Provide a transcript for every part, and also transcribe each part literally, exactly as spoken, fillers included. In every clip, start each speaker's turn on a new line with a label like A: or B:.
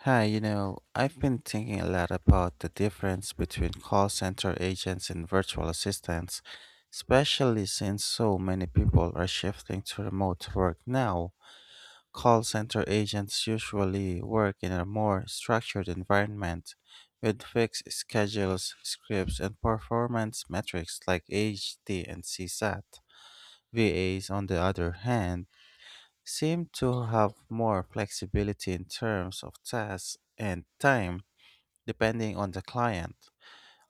A: Hi, you know, I've been thinking a lot about the difference between call center agents and virtual assistants, especially since so many people are shifting to remote work now. Call center agents usually work in a more structured environment with fixed schedules, scripts, and performance metrics like H D and CSAT. V As, on the other hand, seem to have more flexibility in terms of tasks and time depending on the client.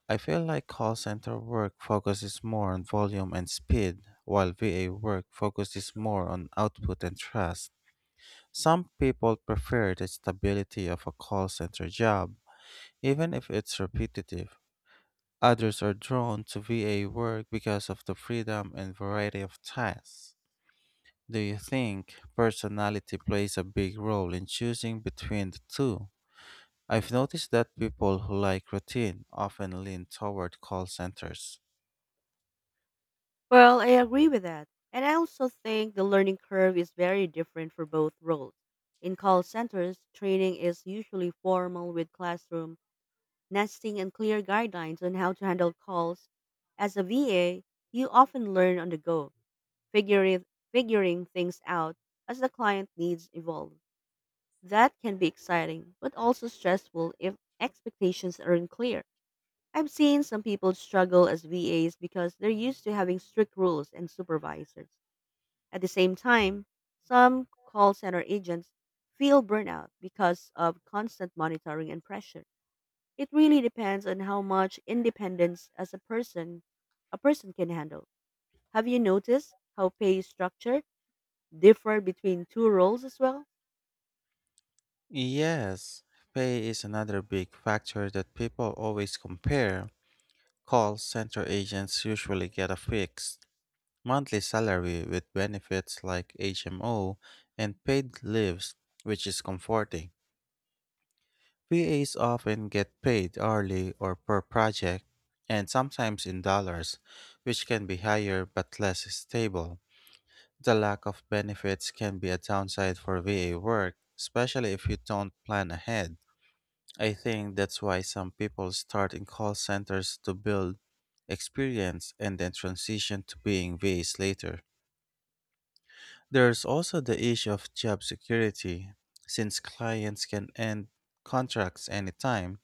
A: I feel like call center work focuses more on volume and speed, while V A work focuses more on output and trust. Some people prefer the stability of a call center job, even if it's repetitive. Others are drawn to V A work because of the freedom and variety of tasks. Do you think personality plays a big role in choosing between the two? I've noticed that people who like routine often lean toward call centers.
B: Well, I agree with that. And I also think the learning curve is very different for both roles. In call centers, training is usually formal with classroom, nesting, and clear guidelines on how to handle calls. As a V A, you often learn on the go, figuring, figuring things out as the client needs evolve. That can be exciting, but also stressful if expectations aren't clear. I've seen some people struggle as V As because they're used to having strict rules and supervisors. At the same time, some call center agents feel burnout because of constant monitoring and pressure. It really depends on how much independence as a person a person can handle. Have you noticed how pay structure differ between two roles as well?
A: Yes, pay is another big factor that people always compare. Call center agents usually get a fixed monthly salary with benefits like H M O and paid leaves, which is comforting. V As often get paid hourly or per project, and sometimes in dollars, which can be higher but less stable. The lack of benefits can be a downside for V A work, especially if you don't plan ahead. I think that's why some people start in call centers to build experience and then transition to being V As later. There's also the issue of job security, since clients can end contracts anytime.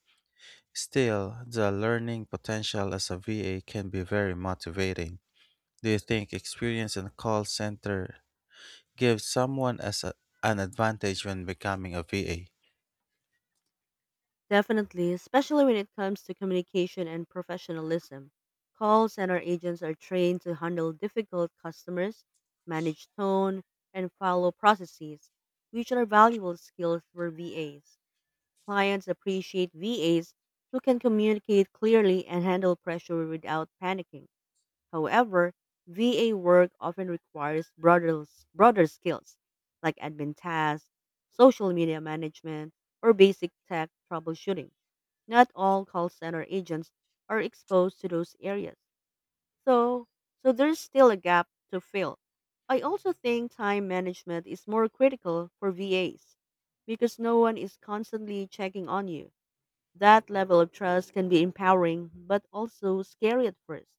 A: Still, the learning potential as a V A can be very motivating. Do you think experience in a call center gives someone as a- an advantage when becoming a V A?
B: Definitely, especially when it comes to communication and professionalism. Call center agents are trained to handle difficult customers, manage tone, and follow processes, which are valuable skills for V As. Clients appreciate V As who can communicate clearly and handle pressure without panicking. However, V A work often requires broader, broader skills like admin tasks, social media management, or basic tech troubleshooting not all call center agents are exposed to those areas. So, so there's still a gap to fill. I also think time management is more critical for V As because no one is constantly checking on you. That level of trust can be empowering but also scary at first.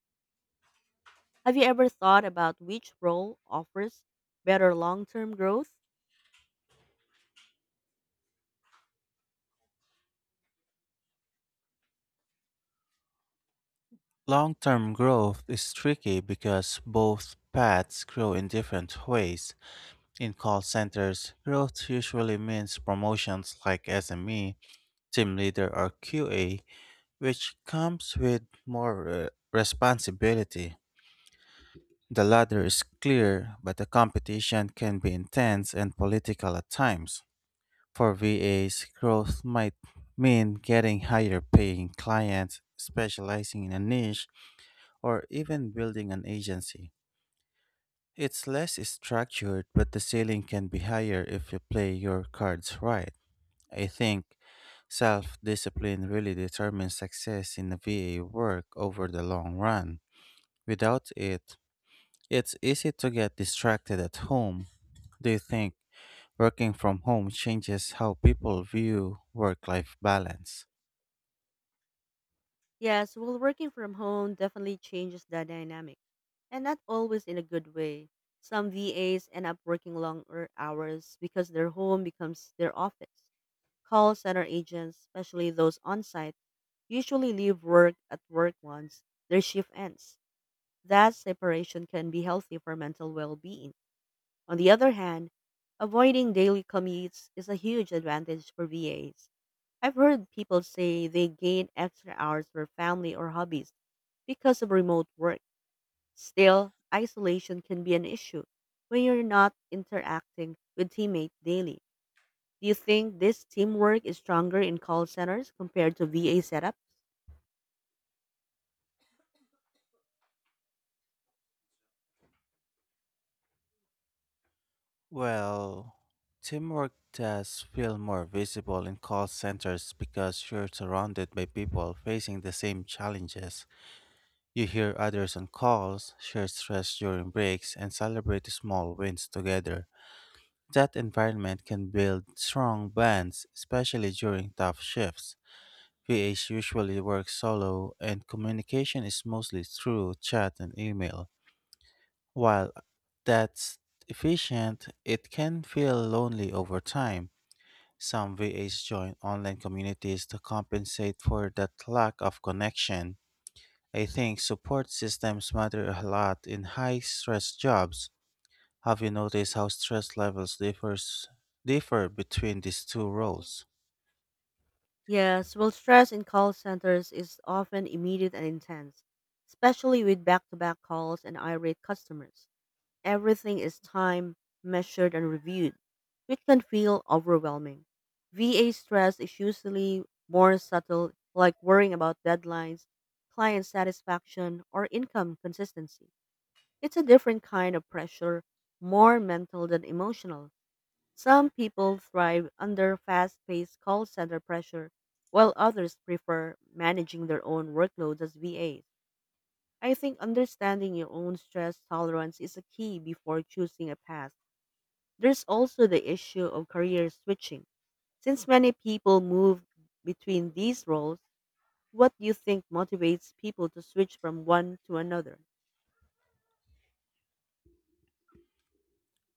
B: Have you ever thought about which role offers better long-term growth?
A: Long term growth is tricky because both paths grow in different ways. In call centers, growth usually means promotions like S M E, team leader, or Q A, which comes with more uh, responsibility. The ladder is clear, but the competition can be intense and political at times. For V As, growth might mean getting higher paying clients, specializing in a niche, or even building an agency. It's less structured, but the ceiling can be higher if you play your cards right. I think self discipline really determines success in the V A work over the long run. Without it, it's easy to get distracted at home. Do you think working from home changes how people view work life balance?
B: Yes, well, working from home definitely changes the dynamic, and not always in a good way. Some V As end up working longer hours because their home becomes their office. Call center agents, especially those on site, usually leave work at work once their shift ends. That separation can be healthy for mental well being. On the other hand, avoiding daily commutes is a huge advantage for V As. I've heard people say they gain extra hours for family or hobbies because of remote work. Still, isolation can be an issue when you're not interacting with teammates daily. Do you think this teamwork is stronger in call centers compared to V A setups?
A: Well, teamwork does feel more visible in call centers because you're surrounded by people facing the same challenges. You hear others on calls, share stress during breaks, and celebrate small wins together. That environment can build strong bonds, especially during tough shifts. V As usually work solo, and communication is mostly through chat and email. While that's efficient, it can feel lonely over time. Some V As join online communities to compensate for that lack of connection. I think support systems matter a lot in high stress jobs. Have you noticed how stress levels differs differ between these two roles?
B: Yes, well, stress in call centers is often immediate and intense, especially with back to back calls and irate customers. Everything is timed, measured, and reviewed, which can feel overwhelming. V A stress is usually more subtle, like worrying about deadlines, client satisfaction, or income consistency. It's a different kind of pressure, more mental than emotional. Some people thrive under fast paced call center pressure, while others prefer managing their own workloads as V As. I think understanding your own stress tolerance is a key before choosing a path. There's also the issue of career switching. Since many people move between these roles, what do you think motivates people to switch from one to another?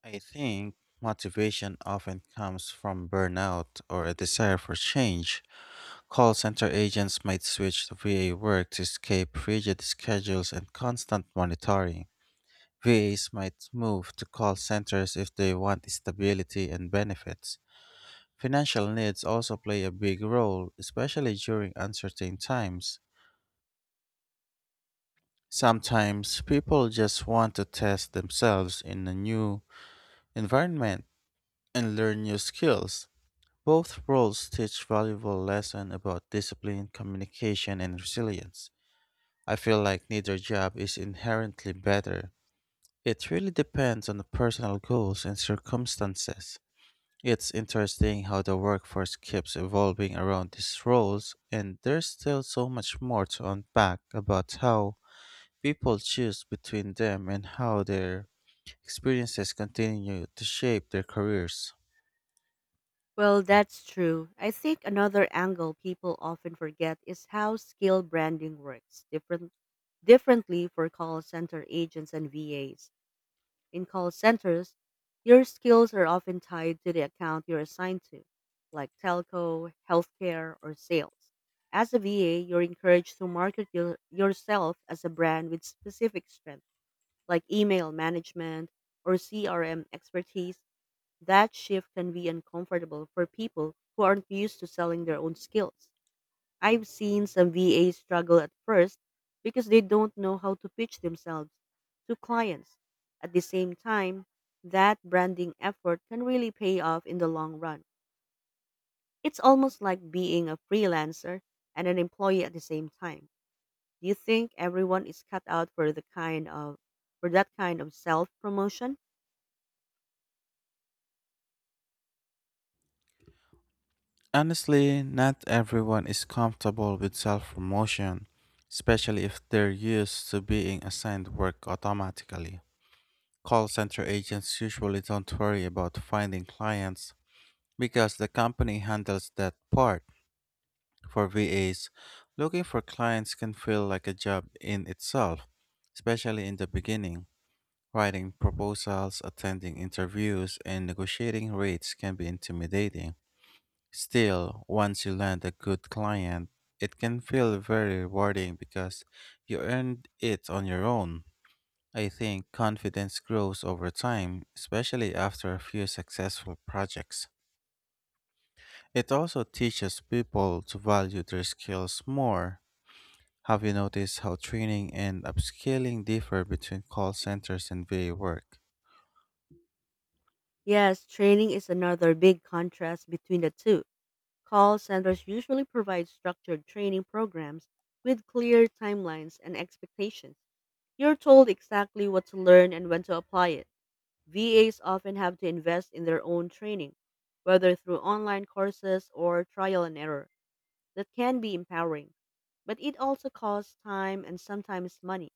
A: I think motivation often comes from burnout or a desire for change. Call center agents might switch to V A work to escape rigid schedules and constant monitoring. V As might move to call centers if they want stability and benefits. Financial needs also play a big role, especially during uncertain times. Sometimes people just want to test themselves in a new environment and learn new skills. Both roles teach valuable lessons about discipline, communication, and resilience. I feel like neither job is inherently better. It really depends on the personal goals and circumstances. It's interesting how the workforce keeps evolving around these roles, and there's still so much more to unpack about how people choose between them and how their experiences continue to shape their careers.
B: Well, that's true. I think another angle people often forget is how skill branding works different, differently for call center agents and V As. In call centers, your skills are often tied to the account you're assigned to, like telco, healthcare, or sales. As a V A, you're encouraged to market your, yourself as a brand with specific strengths, like email management or C R M expertise. That shift can be uncomfortable for people who aren't used to selling their own skills. I've seen some V As struggle at first because they don't know how to pitch themselves to clients. At the same time, that branding effort can really pay off in the long run. It's almost like being a freelancer and an employee at the same time. Do you think everyone is cut out for the kind of for that kind of self-promotion?
A: Honestly, not everyone is comfortable with self promotion, especially if they're used to being assigned work automatically. Call center agents usually don't worry about finding clients because the company handles that part. For V As, looking for clients can feel like a job in itself, especially in the beginning. Writing proposals, attending interviews, and negotiating rates can be intimidating. Still, once you land a good client, it can feel very rewarding because you earned it on your own. I think confidence grows over time, especially after a few successful projects. It also teaches people to value their skills more. Have you noticed how training and upskilling differ between call centers and V A work?
B: Yes, training is another big contrast between the two. Call centers usually provide structured training programs with clear timelines and expectations. You're told exactly what to learn and when to apply it. V As often have to invest in their own training, whether through online courses or trial and error. That can be empowering, but it also costs time and sometimes money.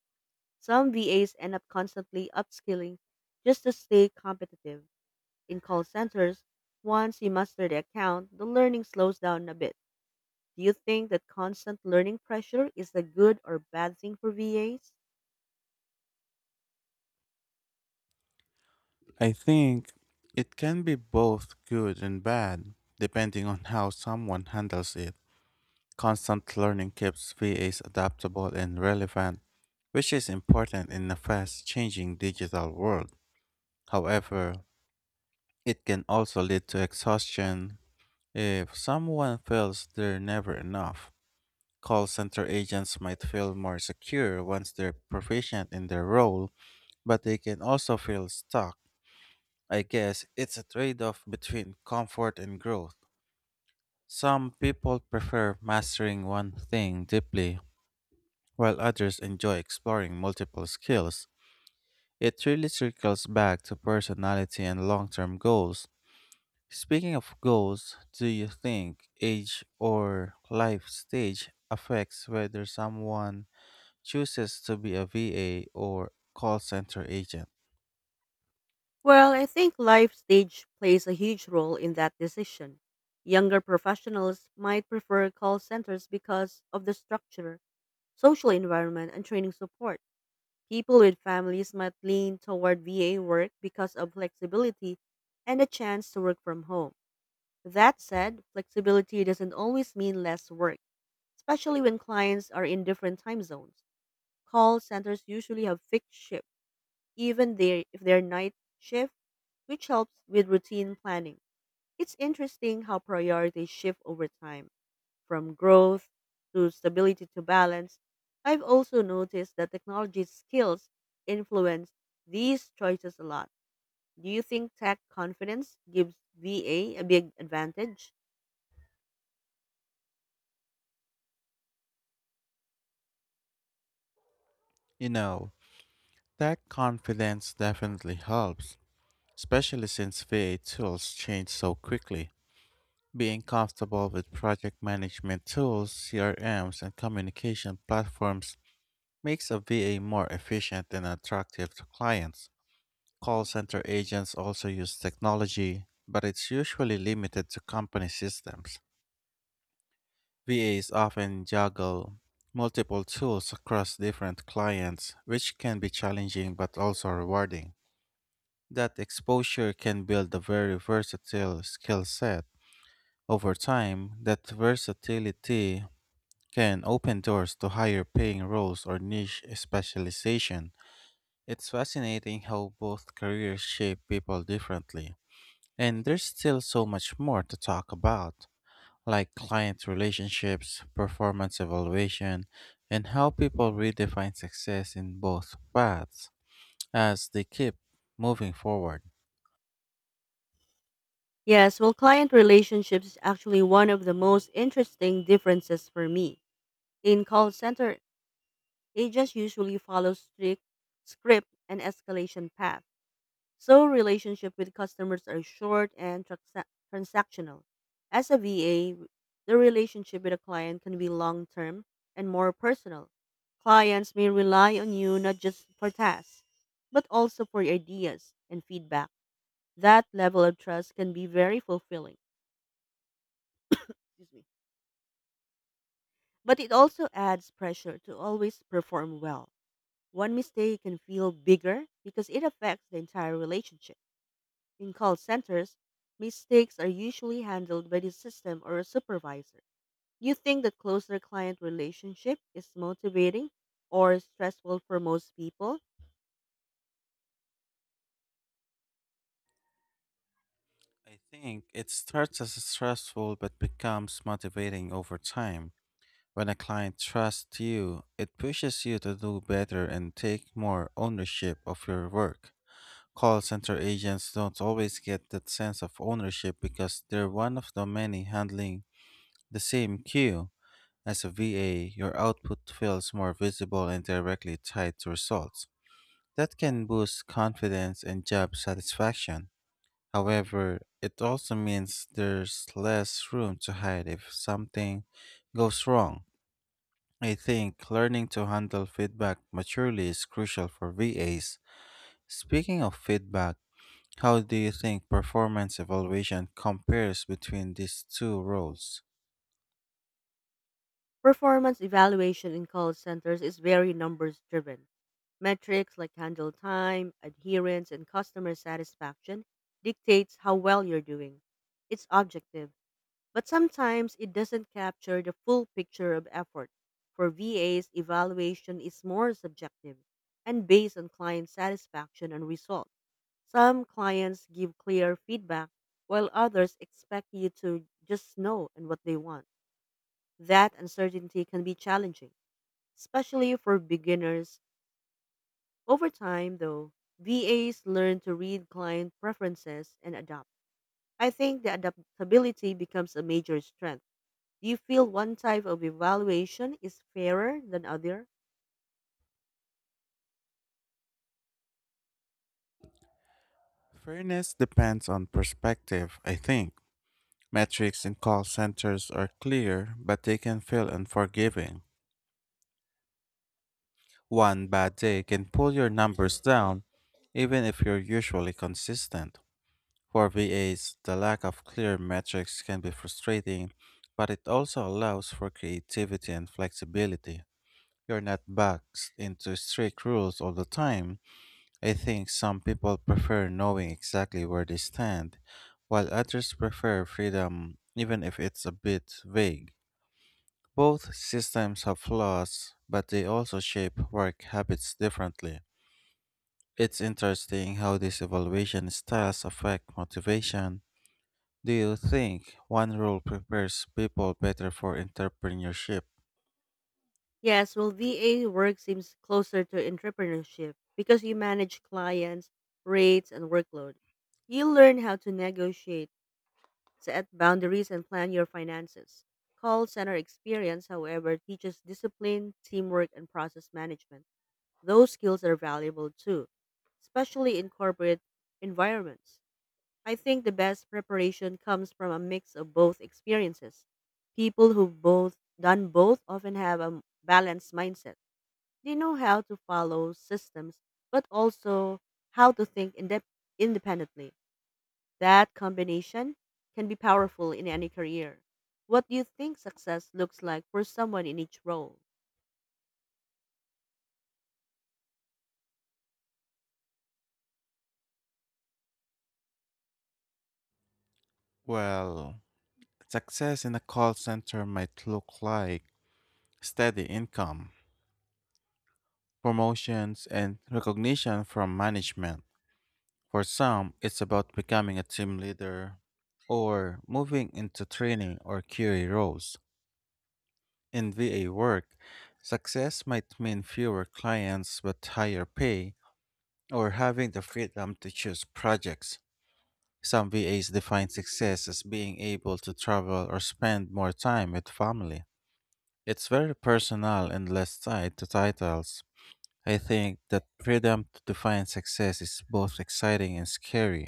B: Some V As end up constantly upskilling just to stay competitive. In call centers, once you master the account, the learning slows down a bit do you think that constant learning pressure is a good or bad thing for V As?
A: I think it can be both good and bad, depending on how someone handles it. Constant learning keeps V As adaptable and relevant, which is important in a fast changing digital world. However, it can also lead to exhaustion. If someone feels they're never enough, call center agents might feel more secure once they're proficient in their role, but they can also feel stuck. I guess it's a trade off between comfort and growth. Some people prefer mastering one thing deeply, while others enjoy exploring multiple skills. It really circles back to personality and long term goals. Speaking of goals, do you think age or life stage affects whether someone chooses to be a V A or call center agent?
B: Well, I think life stage plays a huge role in that decision. Younger professionals might prefer call centers because of the structure, social environment, and training support. People with families might lean toward V A work because of flexibility and a chance to work from home. That said, flexibility doesn't always mean less work, especially when clients are in different time zones. Call centers usually have fixed shifts, even they if they're night shift, which helps with routine planning. It's interesting how priorities shift over time, from growth to stability to balance. I've also noticed that technology skills influence these choices a lot. Do you think tech confidence gives VA a a big advantage?
A: You know, that confidence definitely helps, especially since V A tools change so quickly. Being comfortable with project management tools, C R Ms, and communication platforms makes a V A more efficient and attractive to clients. Call center agents also use technology, but it's usually limited to company systems. V As often juggle multiple tools across different clients, which can be challenging but also rewarding. That exposure can build a very versatile skill set. Over time, that versatility can open doors to higher paying roles or niche specialization. It's fascinating how both careers shape people differently. And there's still so much more to talk about, like client relationships, performance evaluation, and how people redefine success in both paths as they keep moving forward.
B: Yes, well, client relationships is actually one of the most interesting differences for me. In call center Agents usually follow strict script and escalation path, so relationship with customers are short and transa- transactional. As a V A, the relationship with a client can be long term and more personal. Clients may rely on you not just for tasks, but also for ideas and feedback. That level of trust can be very fulfilling. Excuse me. But it also adds pressure to always perform well. One mistake can feel bigger because it affects the entire relationship. In call centers, mistakes are usually handled by the system or a supervisor. You think the closer client relationship is motivating or stressful for most people?
A: I think it starts as stressful but becomes motivating over time. When a client trusts you, it pushes you to do better and take more ownership of your work. Call center agents don't always get that sense of ownership because they're one of the many handling the same queue. As a V A, your output feels more visible and directly tied to results. That can boost confidence and job satisfaction. However, it also means there's less room to hide if something goes wrong. I think learning to handle feedback maturely is crucial for V As. Speaking of feedback, how do you think performance evaluation compares between these two roles?
B: Performance evaluation in call centers is very numbers driven. Metrics like handle time, adherence, and customer satisfaction dictates how well you're doing. It's objective but sometimes it doesn't capture the full picture of effort. For V As, evaluation is more subjective and based on client satisfaction and result. Some clients give clear feedback, while others expect you to just know and what they want. That uncertainty can be challenging, especially for beginners. Over time, though, V As learn to read client preferences and adapt. I think the adaptability becomes a major strength do you feel one type of evaluation is fairer than other?
A: Fairness depends on perspective, I think. Metrics in call centers are clear, but they can feel unforgiving. One bad day can pull your numbers down, even if you're usually consistent. For V As, the lack of clear metrics can be frustrating, but it also allows for creativity and flexibility. You're not boxed into strict rules all the time. I think some people prefer knowing exactly where they stand, while others prefer freedom even if it's a bit vague. Both systems have flaws, but they also shape work habits differently. It's interesting how these evaluation styles affect motivation. Do you think one rule prepares people better for entrepreneurship?
B: Yes, well, V A work seems closer to entrepreneurship because you manage clients, rates, and workload. You learn how to negotiate, set boundaries, and plan your finances. Call center experience, however, teaches discipline, teamwork, and process management. Those skills are valuable too, especially in corporate environments. I think the best preparation comes from a mix of both experiences. People who've both done both often have a balanced mindset. They know how to follow systems, but also how to think indep independently. That combination can be powerful in any career. What do you think success looks like for someone in each role?
A: Well, success in a call center might look like steady income, promotions, and recognition from management. For some, it's about becoming a team leader or moving into training or Q A roles. In V A work, success might mean fewer clients but higher pay or having the freedom to choose projects. Some V As define success as being able to travel or spend more time with family. It's very personal and less tied to titles. I think that freedom to define success is both exciting and scary.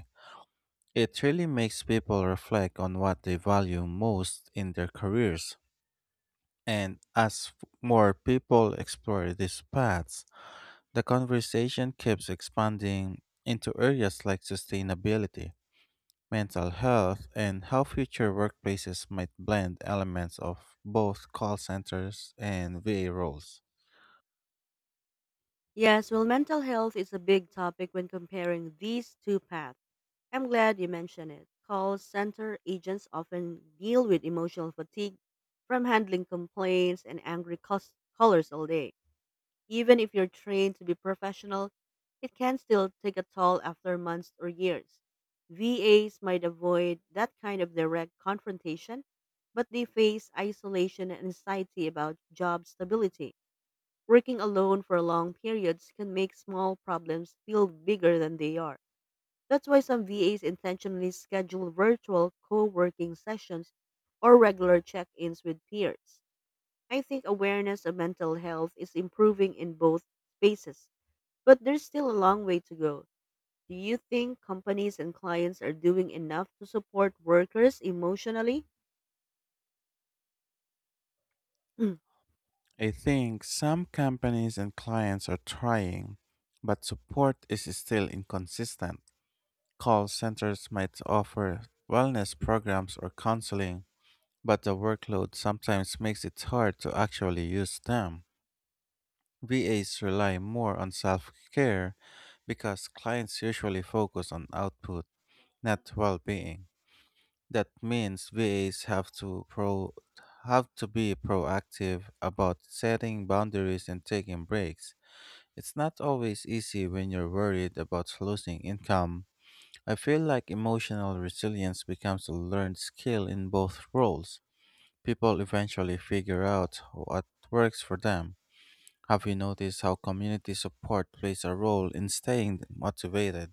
A: It really makes people reflect on what they value most in their careers. And as f- more people explore these paths, the conversation keeps expanding into areas like sustainability, mental health, and how future workplaces might blend elements of both call centers and V A roles.
B: Yes, well, mental health is a big topic when comparing these two paths. I'm glad you mentioned it. Call center agents often deal with emotional fatigue from handling complaints and angry cus- callers all day. Even if you're trained to be professional, it can still take a toll after months or years. V As might avoid that kind of direct confrontation, but they face isolation and anxiety about job stability. Working alone for long periods can make small problems feel bigger than they are. That's why some V As intentionally schedule virtual co working sessions or regular check ins with peers. I think awareness of mental health is improving in both spaces, but there's still a long way to go. Do you think companies and clients are doing enough to support workers emotionally? Mm.
A: I think some companies and clients are trying, but support is still inconsistent. Call centers might offer wellness programs or counseling, but the workload sometimes makes it hard to actually use them. V As rely more on self care because clients usually focus on output, not well being. That means V As have to pro have to be proactive about setting boundaries and taking breaks. It's not always easy when you're worried about losing income. I feel like emotional resilience becomes a learned skill in both roles. People eventually figure out what works for them. Have you noticed how community support plays a role in staying motivated?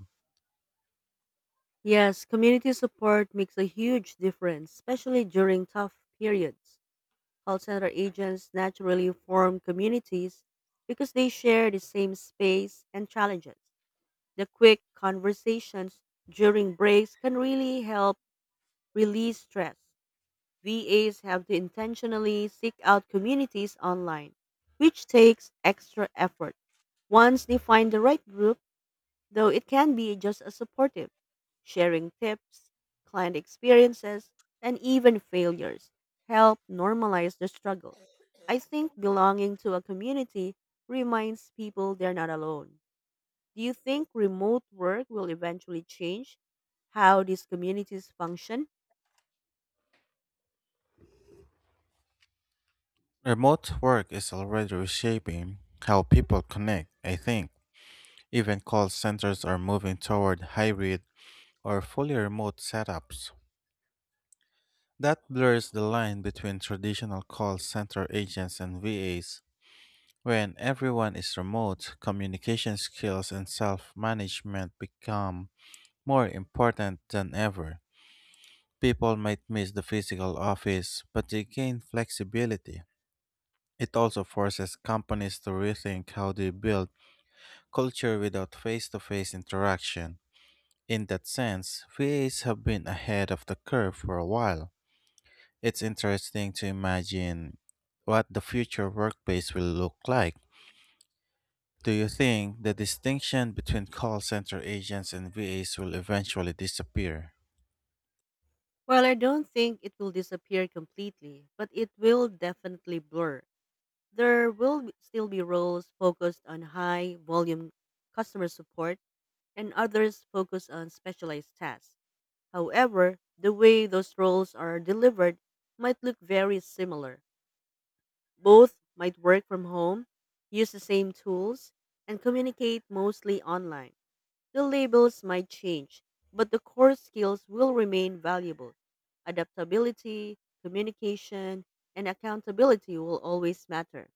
B: Yes, community support makes a huge difference, especially during tough periods. Call center agents naturally form communities because they share the same space and challenges. The quick conversations during breaks can really help release stress. V As have to intentionally seek out communities online, which takes extra effort. Once they find the right group, though it can be just as supportive, sharing tips, client experiences, and even failures help normalize the struggle. I think belonging to a community reminds people they're not alone. Do you think remote work will eventually change how these communities function?
A: Remote work is already reshaping how people connect, I think. Even call centers are moving toward hybrid or fully remote setups. That blurs the line between traditional call center agents and V As. When everyone is remote, communication skills and self management become more important than ever. People might miss the physical office, but they gain flexibility. It also forces companies to rethink how they build culture without face to face interaction. In that sense, V As have been ahead of the curve for a while. It's interesting to imagine what the future workplace will look like. Do you think the distinction between call center agents and V As will eventually disappear?
B: Well, I don't think it will disappear completely, but it will definitely blur. There will be- still be roles focused on high volume customer support and others focus on specialized tasks. However, the way those roles are delivered might look very similar. Both might work from home, use the same tools, and communicate mostly online. The labels might change, but the core skills will remain valuable. Adaptability, communication, and accountability will always matter.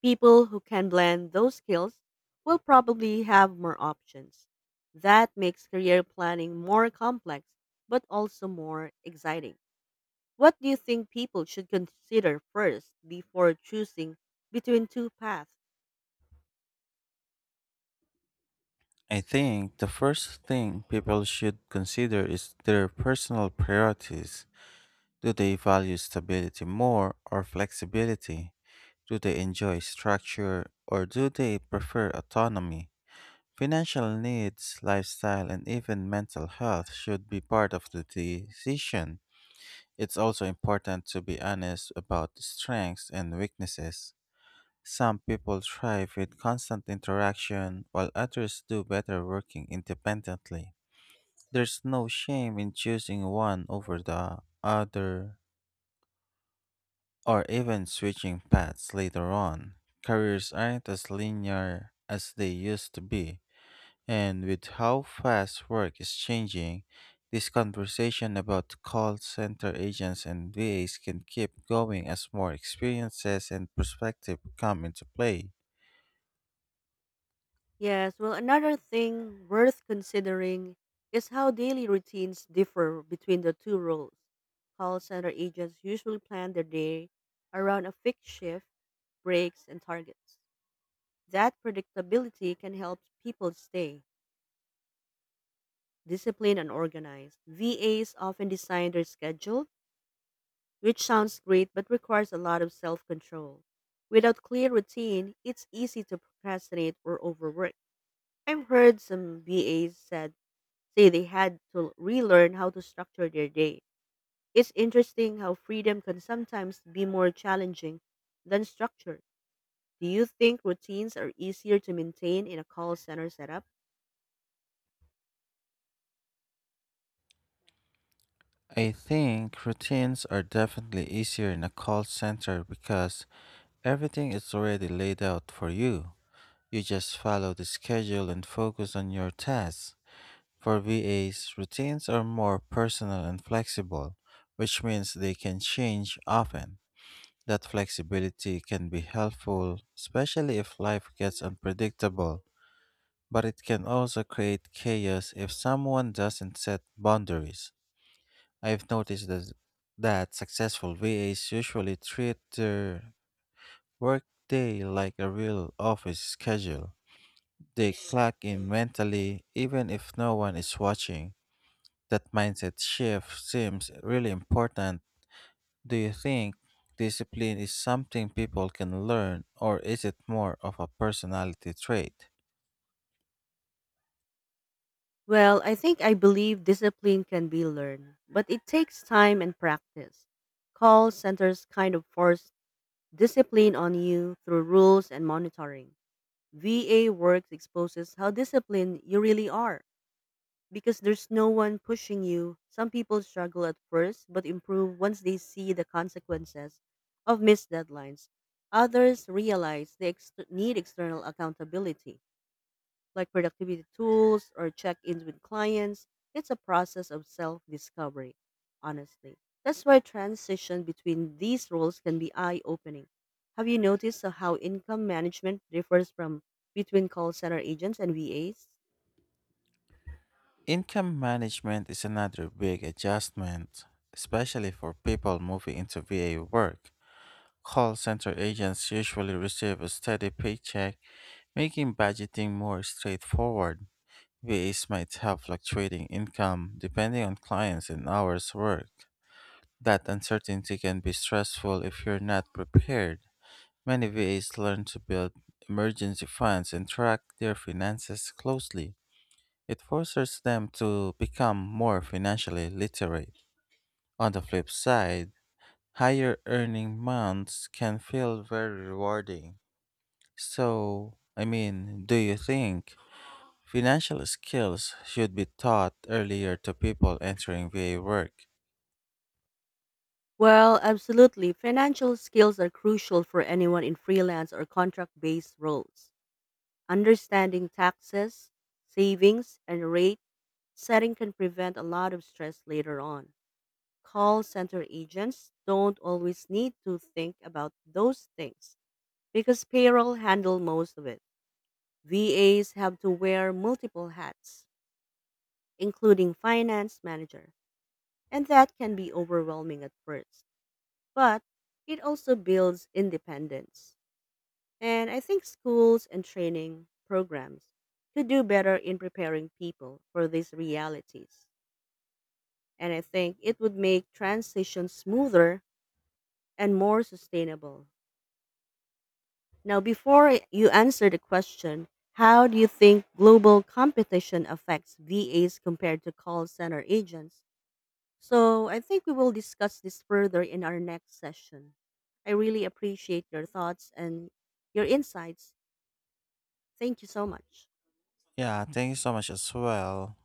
B: People who can blend those skills will probably have more options. That makes career planning more complex, but also more exciting. What do you think people should consider first before choosing between two paths?
A: I think the first thing people should consider is their personal priorities. Do they value stability more or flexibility? Do they enjoy structure or do they prefer autonomy? Financial needs, lifestyle, and even mental health should be part of the decision. It's also important to be honest about the strengths and weaknesses. Some people thrive with constant interaction, while others do better working independently. There's no shame in choosing one over the other, or even switching paths later on. Careers aren't as linear as they used to be. And with how fast work is changing, this conversation about call center agents and V As can keep going as more experiences and perspective come into play.
B: Yes, well, another thing worth considering is how daily routines differ between the two roles. Call center agents usually plan their day around a fixed shift, breaks, and targets that predictability can help people stay disciplined and organized. V As often design their schedule, which sounds great but requires a lot of self control. Without clear routine, it's easy to procrastinate or overwork. I've heard some V As said say they had to relearn how to structure their day. It's interesting how freedom can sometimes be more challenging than structure. Do you think routines are easier to maintain in a call center setup?
A: I think routines are definitely easier in a call center because everything is already laid out for you. You just follow the schedule and focus on your tasks. For V As, routines are more personal and flexible, which means they can change often. That flexibility can be helpful, especially if life gets unpredictable, but it can also create chaos if someone doesn't set boundaries. I've noticed that, that successful V As usually treat their workday like a real office schedule. They clock in mentally, even if no one is watching. That mindset shift seems really important. Do you think discipline is something people can learn, or is it more of a personality trait?
B: Well, I think I believe discipline can be learned, but it takes time and practice. Call centers kind of force discipline on you through rules and monitoring. V A works exposes how disciplined you really are because there's no one pushing you. Some people struggle at first but improve once they see the consequences of missed deadlines. Others realize they ex- need external accountability like productivity tools or check-ins with clients. It's a process of self-discovery, honestly. That's why transition between these roles can be eye-opening. Have you noticed how income management differs from between call center agents and V As?
A: Income management is another big adjustment, especially for people moving into V A work. Call center agents usually receive a steady paycheck, making budgeting more straightforward. V As might have fluctuating income depending on clients and hours worked. That uncertainty can be stressful if you're not prepared. Many V As learn to build emergency funds and track their finances closely. It forces them to become more financially literate. On the flip side, higher earning months can feel very rewarding. So, I mean, do you think financial skills should be taught earlier to people entering V A work?
B: Well, absolutely. Financial skills are crucial for anyone in freelance or contract based roles. Understanding taxes, savings, and rate setting can prevent a lot of stress later on. Call center agents don't always need to think about those things because payroll handle most of it. V As have to wear multiple hats, including finance manager, and that can be overwhelming at first. But it also builds independence. And I think schools and training programs could do better in preparing people for these realities. And I think it would make transitions smoother and more sustainable. Now, before you answer the question, how do you think global competition affects V As compared to call center agents? So, I think we will discuss this further in our next session. I really appreciate your thoughts and your insights. Thank you so much.
A: Yeah, thank you so much as well.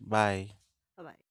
A: Bye.
B: Bye bye.